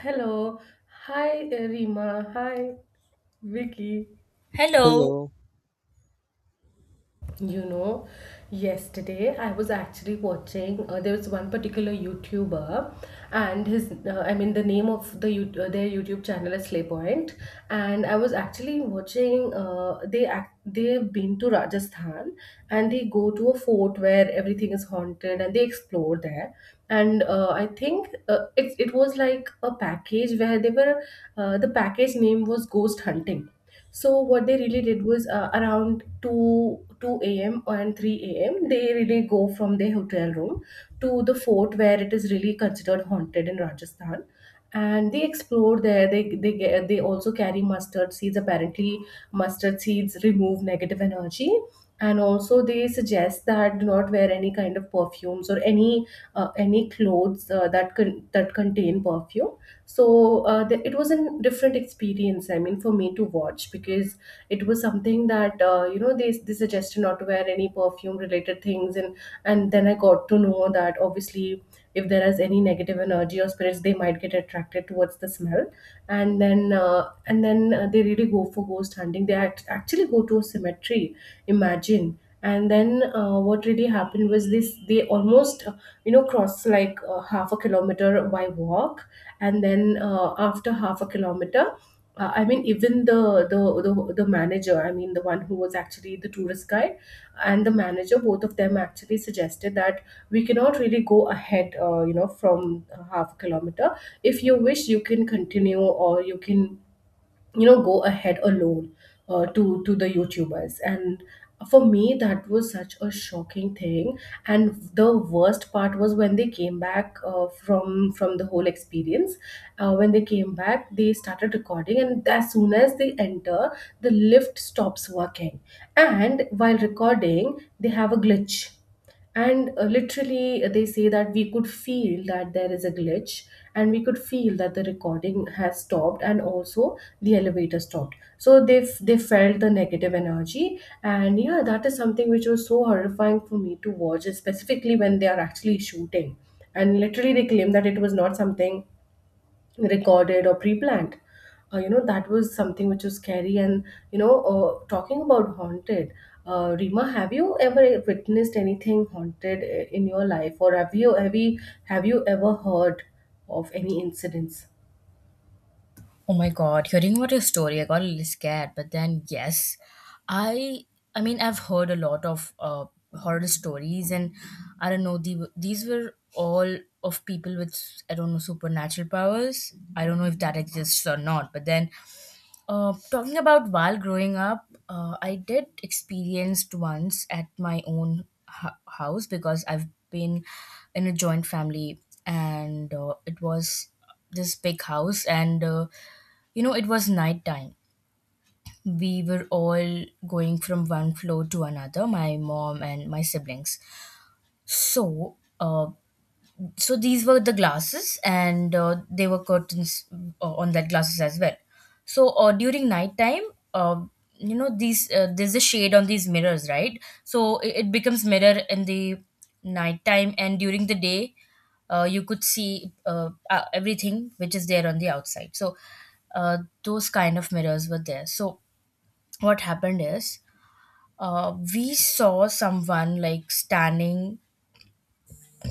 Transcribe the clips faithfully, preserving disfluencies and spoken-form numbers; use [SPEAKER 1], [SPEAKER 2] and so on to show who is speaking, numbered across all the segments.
[SPEAKER 1] Hello. Hi, Rima. Hi, Vicky.
[SPEAKER 2] Hello.
[SPEAKER 3] Hello.
[SPEAKER 1] You know, yesterday I was actually watching. Uh, there was one particular YouTuber, and his, uh, I mean, the name of the you uh, their YouTube channel is Slaypoint. And I was actually watching. Uh, they act, they've been to Rajasthan, and they go to a fort where everything is haunted, and they explore there. And uh, I think uh, it it was like a package where they were. Uh, the package name was Ghost Hunting, so what they really did was uh, around 2 2 a.m. and three a m They really go from their hotel room to the fort where it is really considered haunted in Rajasthan. And they explore there. They they get, they also carry mustard seeds. Apparently, mustard seeds remove negative energy. And also, they suggest that do not wear any kind of perfumes or any uh, any clothes uh, that con- that contain perfume. So uh, the, it was a different experience, I mean, for me to watch, because it was something that uh, you know, they, they suggested not to wear any perfume related things. and and then I got to know that obviously, if there is any negative energy or spirits, they might get attracted towards the smell. And then uh, and then uh, they really go for ghost hunting. They act- actually go to a cemetery, imagine. And then uh, what really happened was this: they almost uh, you know, cross like uh, half a kilometer by walk. And then uh, after half a kilometer, uh, I mean, even the, the the the manager, I mean the one who was actually the tourist guide, and the manager, both of them actually suggested that we cannot really go ahead uh, you know, from uh, half a kilometer. If you wish, you can continue, or you can, you know, go ahead alone, uh, to to the YouTubers. And for me, that was such a shocking thing. And the worst part was when they came back uh, from from the whole experience, uh, when they came back, they started recording, and as soon as they enter, the lift stops working. And while recording, they have a glitch. And uh, literally, uh, they say that we could feel that there is a glitch, and we could feel that the recording has stopped, and also the elevator stopped. So they f- they felt the negative energy. And yeah, that is something which was so horrifying for me to watch, specifically when they are actually shooting, and literally they claim that it was not something recorded or pre-planned. Uh, you know, that was something which was scary. And you know, uh, talking about haunted, uh, Rima, have you ever witnessed anything haunted i- in your life, or have you have you have you ever heard of any incidents?
[SPEAKER 2] Oh my God, hearing about your story, I got a little scared. But then, yes, I, I mean, I've heard a lot of uh, horror stories, and I don't know, the, these were all of people with, I don't know, supernatural powers. I don't know if that exists or not. But then, Uh, talking about while growing up, uh, I did experienced once at my own hu- house because I've been in a joint family, and uh, it was this big house, and uh, you know it was nighttime. We were all going from one floor to another, my mom and my siblings. So uh, so these were the glasses, and uh, they were curtains uh, on that glasses as well. So uh, during nighttime, uh, you know these uh, there's a shade on these mirrors, right? So it, it becomes mirror in the nighttime, and during the day uh, you could see, uh, uh, everything which is there on the outside. So uh, those kind of mirrors were there. So what happened is, uh, we saw someone like standing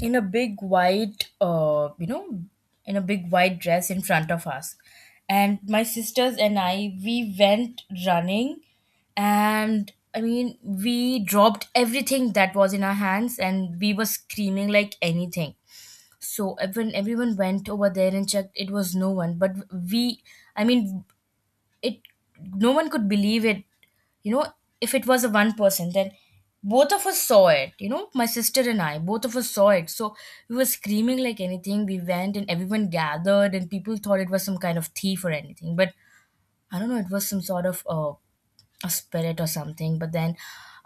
[SPEAKER 2] in a big white uh you know in a big white dress in front of us. And my sisters and I, we went running, and I mean, we dropped everything that was in our hands, and we were screaming like anything. So when everyone went over there and checked, it was no one. But we, I mean, it, no one could believe it, you know. If it was a one person, then both of us saw it, you know, my sister and I, both of us saw it. So we were screaming like anything. We went and everyone gathered, and people thought it was some kind of thief or anything, but I don't know, it was some sort of uh, a spirit or something. But then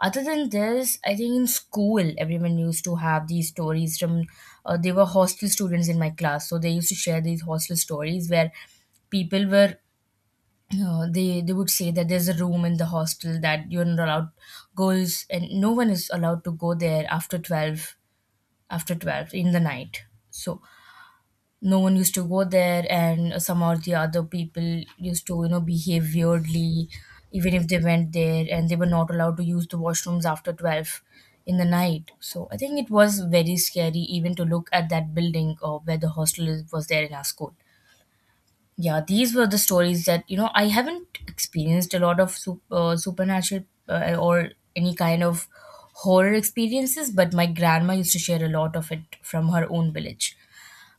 [SPEAKER 2] other than this, I think in school everyone used to have these stories from, uh, they were hostel students in my class, so they used to share these hostel stories where people were, uh, they they would say that there's a room in the hostel that you're not allowed, girls, and no one is allowed to go there after twelve, after twelve in the night. So no one used to go there, and some or the other people used to, you know, behave weirdly even if they went there, and they were not allowed to use the washrooms after twelve in the night. So I think it was very scary even to look at that building or where the hostel is, was there in our school. Yeah, these were the stories that, you know, I haven't experienced a lot of sup- uh, supernatural uh, or any kind of horror experiences. But my grandma used to share a lot of it from her own village,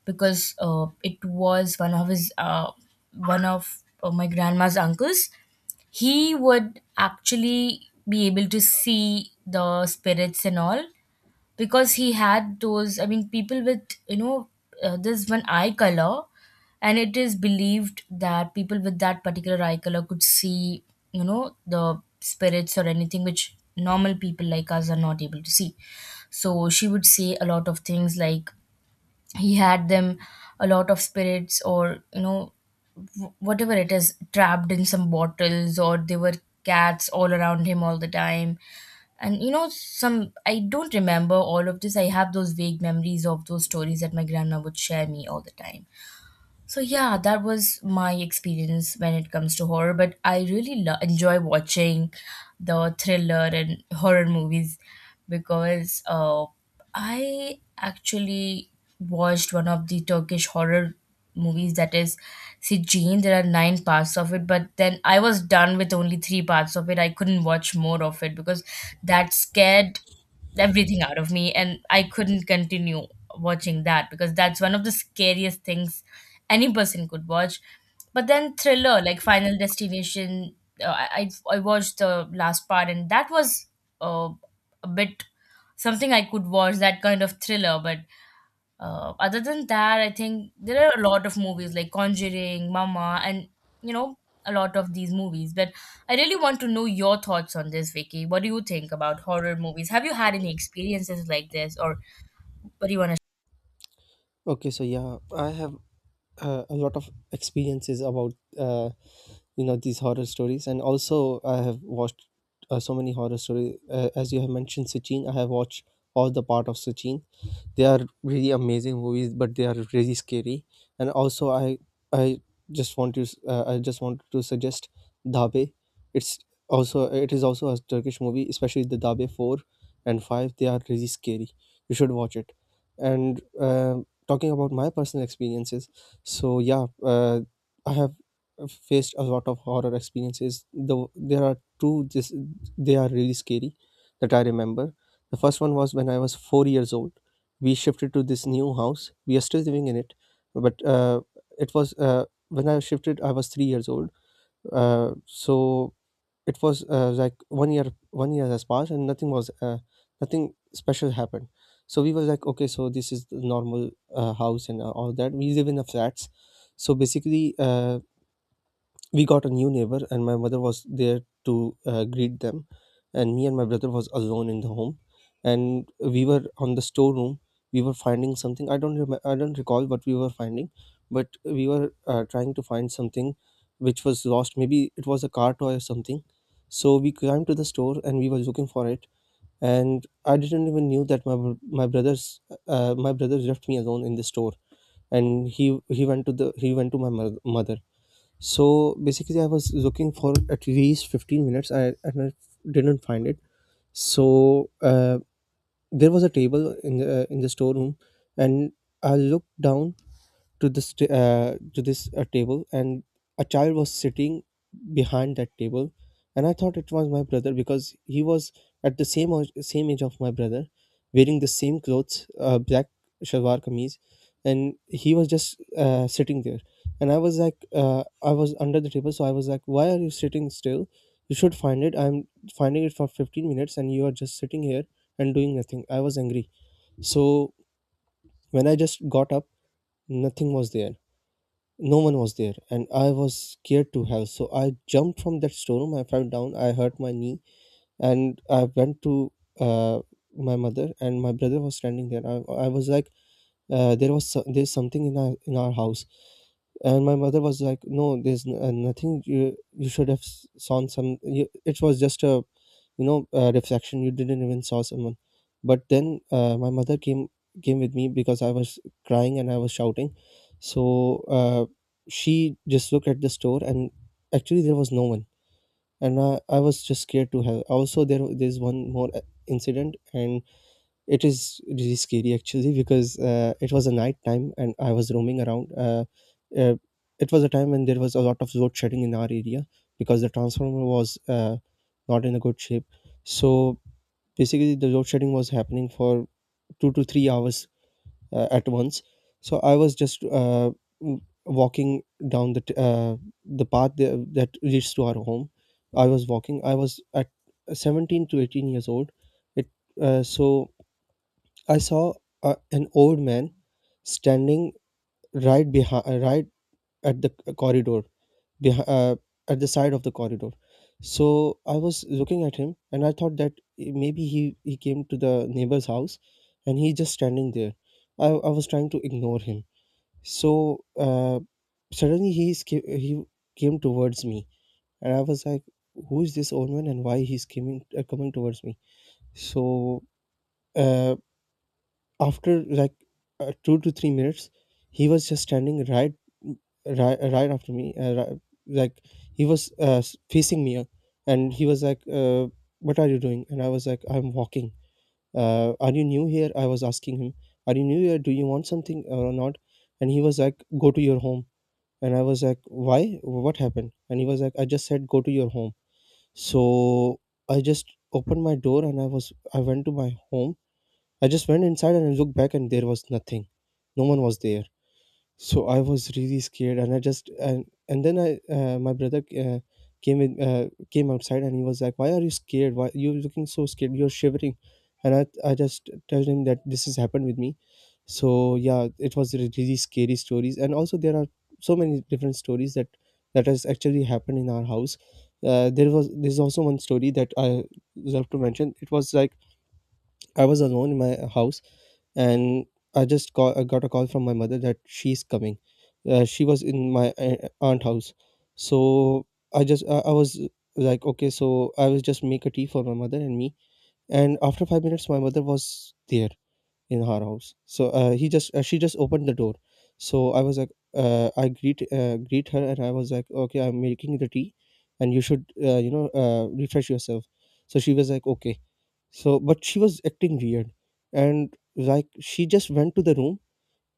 [SPEAKER 2] because uh, it was one of his uh, one of uh, my grandma's uncles. He would actually be able to see the spirits and all, because he had those, I mean, people with, you know, uh, this one eye color, and it is believed that people with that particular eye color could see, you know, the spirits or anything which normal people like us are not able to see. So she would say a lot of things like he had them, a lot of spirits, or, you know, whatever it is, trapped in some bottles, or there were cats all around him all the time. And you know, some, I don't remember all of this, I have those vague memories of those stories that my grandma would share me all the time. So yeah, that was my experience when it comes to horror, but I really lo- enjoy watching the thriller and horror movies, because uh, I actually watched one of the Turkish horror movies, that is Sijin. There are nine parts of it, but then I was done with only three parts of it. I couldn't watch more of it because that scared everything out of me, and I couldn't continue watching that, because that's one of the scariest things any person could watch. But then thriller like Final Destination, uh, I, I I watched the last part, and that was uh, a bit, something I could watch, that kind of thriller. But uh, other than that, I think there are a lot of movies like Conjuring, Mama, and, you know, a lot of these movies. But I really want to know your thoughts on this, Vicky. What do you think about horror movies? Have you had any experiences like this, or what do you want to?
[SPEAKER 3] Okay, so yeah, I have uh, a lot of experiences about uh, you know these horror stories, and also I have watched uh, so many horror stories. Uh, as you have mentioned, Sachin, I have watched all the part of Sachin. They are really amazing movies, but they are really scary. And also i i just want to s- uh, i just wanted to suggest dabe. It's also, it is also a Turkish movie, especially the dabe four and five. They are really scary, you should watch it. And uh, talking about my personal experiences, so yeah, uh, I have faced a lot of horror experiences, though there are two this They are really scary, that I remember. The first one was when I was four years old. We shifted to this new house, we are still living in it. But uh, it was, uh, when I shifted I was three years old. Uh, so it was, uh, like, one year, one year has passed and nothing was, uh, nothing special happened. So we were like, okay, so this is the normal uh, house and uh, all that. We live in a flats. So basically, uh, we got a new neighbor and my mother was there to uh, greet them, and me and my brother was alone in the home. And we were on the storeroom, we were finding something. I don't remember, I don't recall what we were finding, but we were uh, trying to find something which was lost, maybe it was a car toy or something. So we climbed to the store and we were looking for it. And I didn't even knew that my br- my brother's, uh, my brother left me alone in the store. And he he went to the he went to my mo- mother. So basically, I was looking for at least fifteen minutes. I, and I didn't find it. So uh, there was a table in the, uh, in the storeroom, and I looked down to this t- uh, to this uh, table, and a child was sitting behind that table. And I thought it was my brother, because he was at the same o- same age of my brother, wearing the same clothes, uh, black shalwar kameez. And he was just uh, sitting there. And I was like, uh, I was under the table, so I was like, why are you sitting still? You should find it, I'm finding it for fifteen minutes and you are just sitting here and doing nothing. I was angry. So when I just got up, nothing was there, no one was there. And I was scared to hell. So I jumped from that storeroom. I fell down, I hurt my knee, and I went to, uh, my mother, and my brother was standing there. I, I was like, uh, there was so- there's something in our, in our house. And my mother was like, no, there's n- uh, nothing. You you should have s- saw some, you, it was just a, you know, a reflection, you didn't even saw someone. But then uh, my mother came, came with me because I was crying and I was shouting. So uh, she just looked at the store, and actually there was no one. And i, I was just scared to hell. Also there, there's one more uh, incident, and it is really scary actually, because uh, it was a night time and I was roaming around, uh, uh, it was a time when there was a lot of load shedding in our area, because the transformer was uh, not in a good shape. So basically the load shedding was happening for two to three hours, uh, at once. So I was just, uh, w- walking down the t- uh, the path there that leads to our home. I was walking, I was at seventeen to eighteen years old. It uh, so I saw a, an old man standing right behind, right at the c- corridor, behi- uh, at the side of the corridor. So I was looking at him, and I thought that, eh, maybe he he came to the neighbor's house, and he just standing there. I I was trying to ignore him. So uh, suddenly he is ca- he came towards me, and I was like, "Who is this old man, and why he's coming uh, coming towards me?" So. Uh, After like, uh, two to three minutes, he was just standing right, right, right after me, uh, ri- like he was, uh, s- facing me. Uh, and he was like, uh, what are you doing? And I was like, I'm walking. Uh, are you new here? I was asking him, are you new here, do you want something or not? And he was like, go to your home. And I was like, why, what happened? And he was like, I just said go to your home. So I just opened my door, and i was i went to my home. I just went inside and I looked back, and there was nothing. No one was there. So I was really scared, and I just and and then I, uh, my brother, uh, came in uh, came outside, and he was like, "Why are you scared? Why you looking so scared? You're shivering." And I I just told him that this has happened with me. So yeah, it was re- really scary stories. And also there are so many different stories that that has actually happened in our house. Uh, there was there's also one story that I love to mention. It was like, I was alone in my house, and I just call, I got a call from my mother that she's coming. Uh, she was in my a- aunt house. So I just I, I was like, okay, so I was just make a tea for my mother and me. And after five minutes, my mother was there in her house. So uh, he just uh, she just opened the door. So I was like, uh, I greet, uh, greet her, and I was like, okay, I'm making the tea, and you should, uh, you know, uh, refresh yourself. So she was like, okay. So, but she was acting weird, and like she just went to the room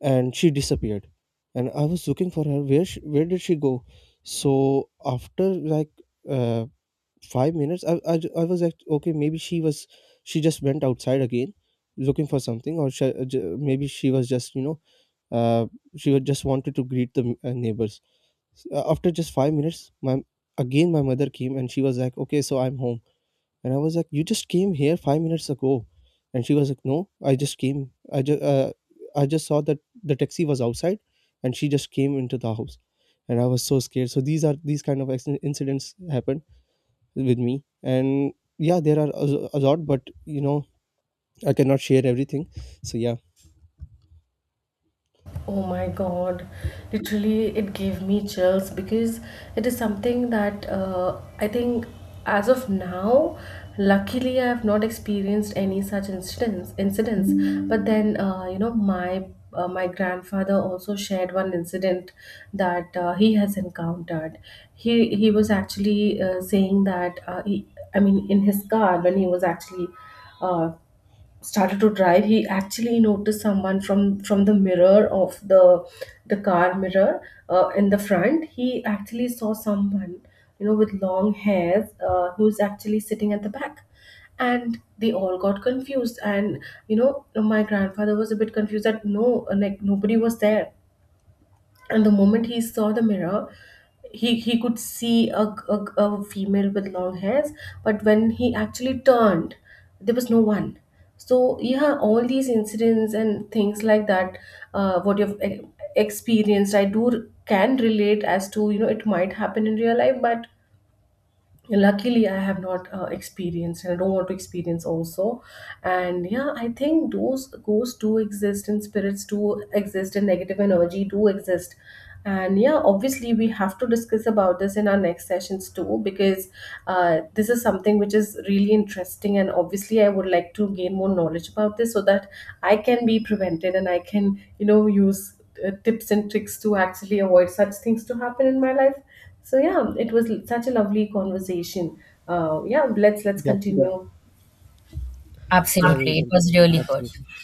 [SPEAKER 3] and she disappeared. And I was looking for her. Where she, where did she go? So after like, uh, five minutes, I, I j- I was like, okay, maybe she was she just went outside again, looking for something. Or she, uh, j- maybe she was just, you know, uh, she was just wanted to greet the, uh, neighbors. S- uh, After just five minutes, my again my mother came, and she was like, okay, so I'm home. And I was like, "You just came here five minutes ago." And she was like, "No, I just came. I just, uh, I just saw that the taxi was outside, and she just came into the house." And I was so scared. So these are these kind of accident- incidents happen with me. And yeah, there are a, a lot, but you know, I cannot share everything. So yeah,
[SPEAKER 1] Oh my God. Literally, it gave me chills, because it is something that, uh, I think, as of now, luckily I have not experienced any such incidents incidents. But then uh, you know, my uh, my grandfather also shared one incident that uh, he has encountered. He he was actually uh, saying that, uh, he, I mean, in his car, when he was actually uh, started to drive, he actually noticed someone from from the mirror of the the car mirror. Uh, in the front, he actually saw someone, you know, with long hairs, uh, who's actually sitting at the back. And they all got confused, and you know, my grandfather was a bit confused, that no, like, nobody was there. And the moment he saw the mirror, he he could see a, a, a female with long hairs, but when he actually turned, there was no one. So yeah, all these incidents and things like that, uh, what you've e- experienced, I do r- can relate, as to, you know, it might happen in real life, but luckily I have not uh, experienced, and I don't want to experience also. And yeah, I think those ghosts do exist, and spirits do exist, and negative energy do exist. And yeah, obviously we have to discuss about this in our next sessions too, because uh, this is something which is really interesting, and obviously I would like to gain more knowledge about this, so that I can be prevented, and I can, you know, use uh, tips and tricks to actually avoid such things to happen in my life. So yeah, it was such a lovely conversation. Uh, yeah, let's let's Yeah,
[SPEAKER 3] yeah,
[SPEAKER 1] continue.
[SPEAKER 3] yeah, we'll
[SPEAKER 2] Absolutely, it was
[SPEAKER 3] continue.
[SPEAKER 2] really good.
[SPEAKER 3] Absolutely.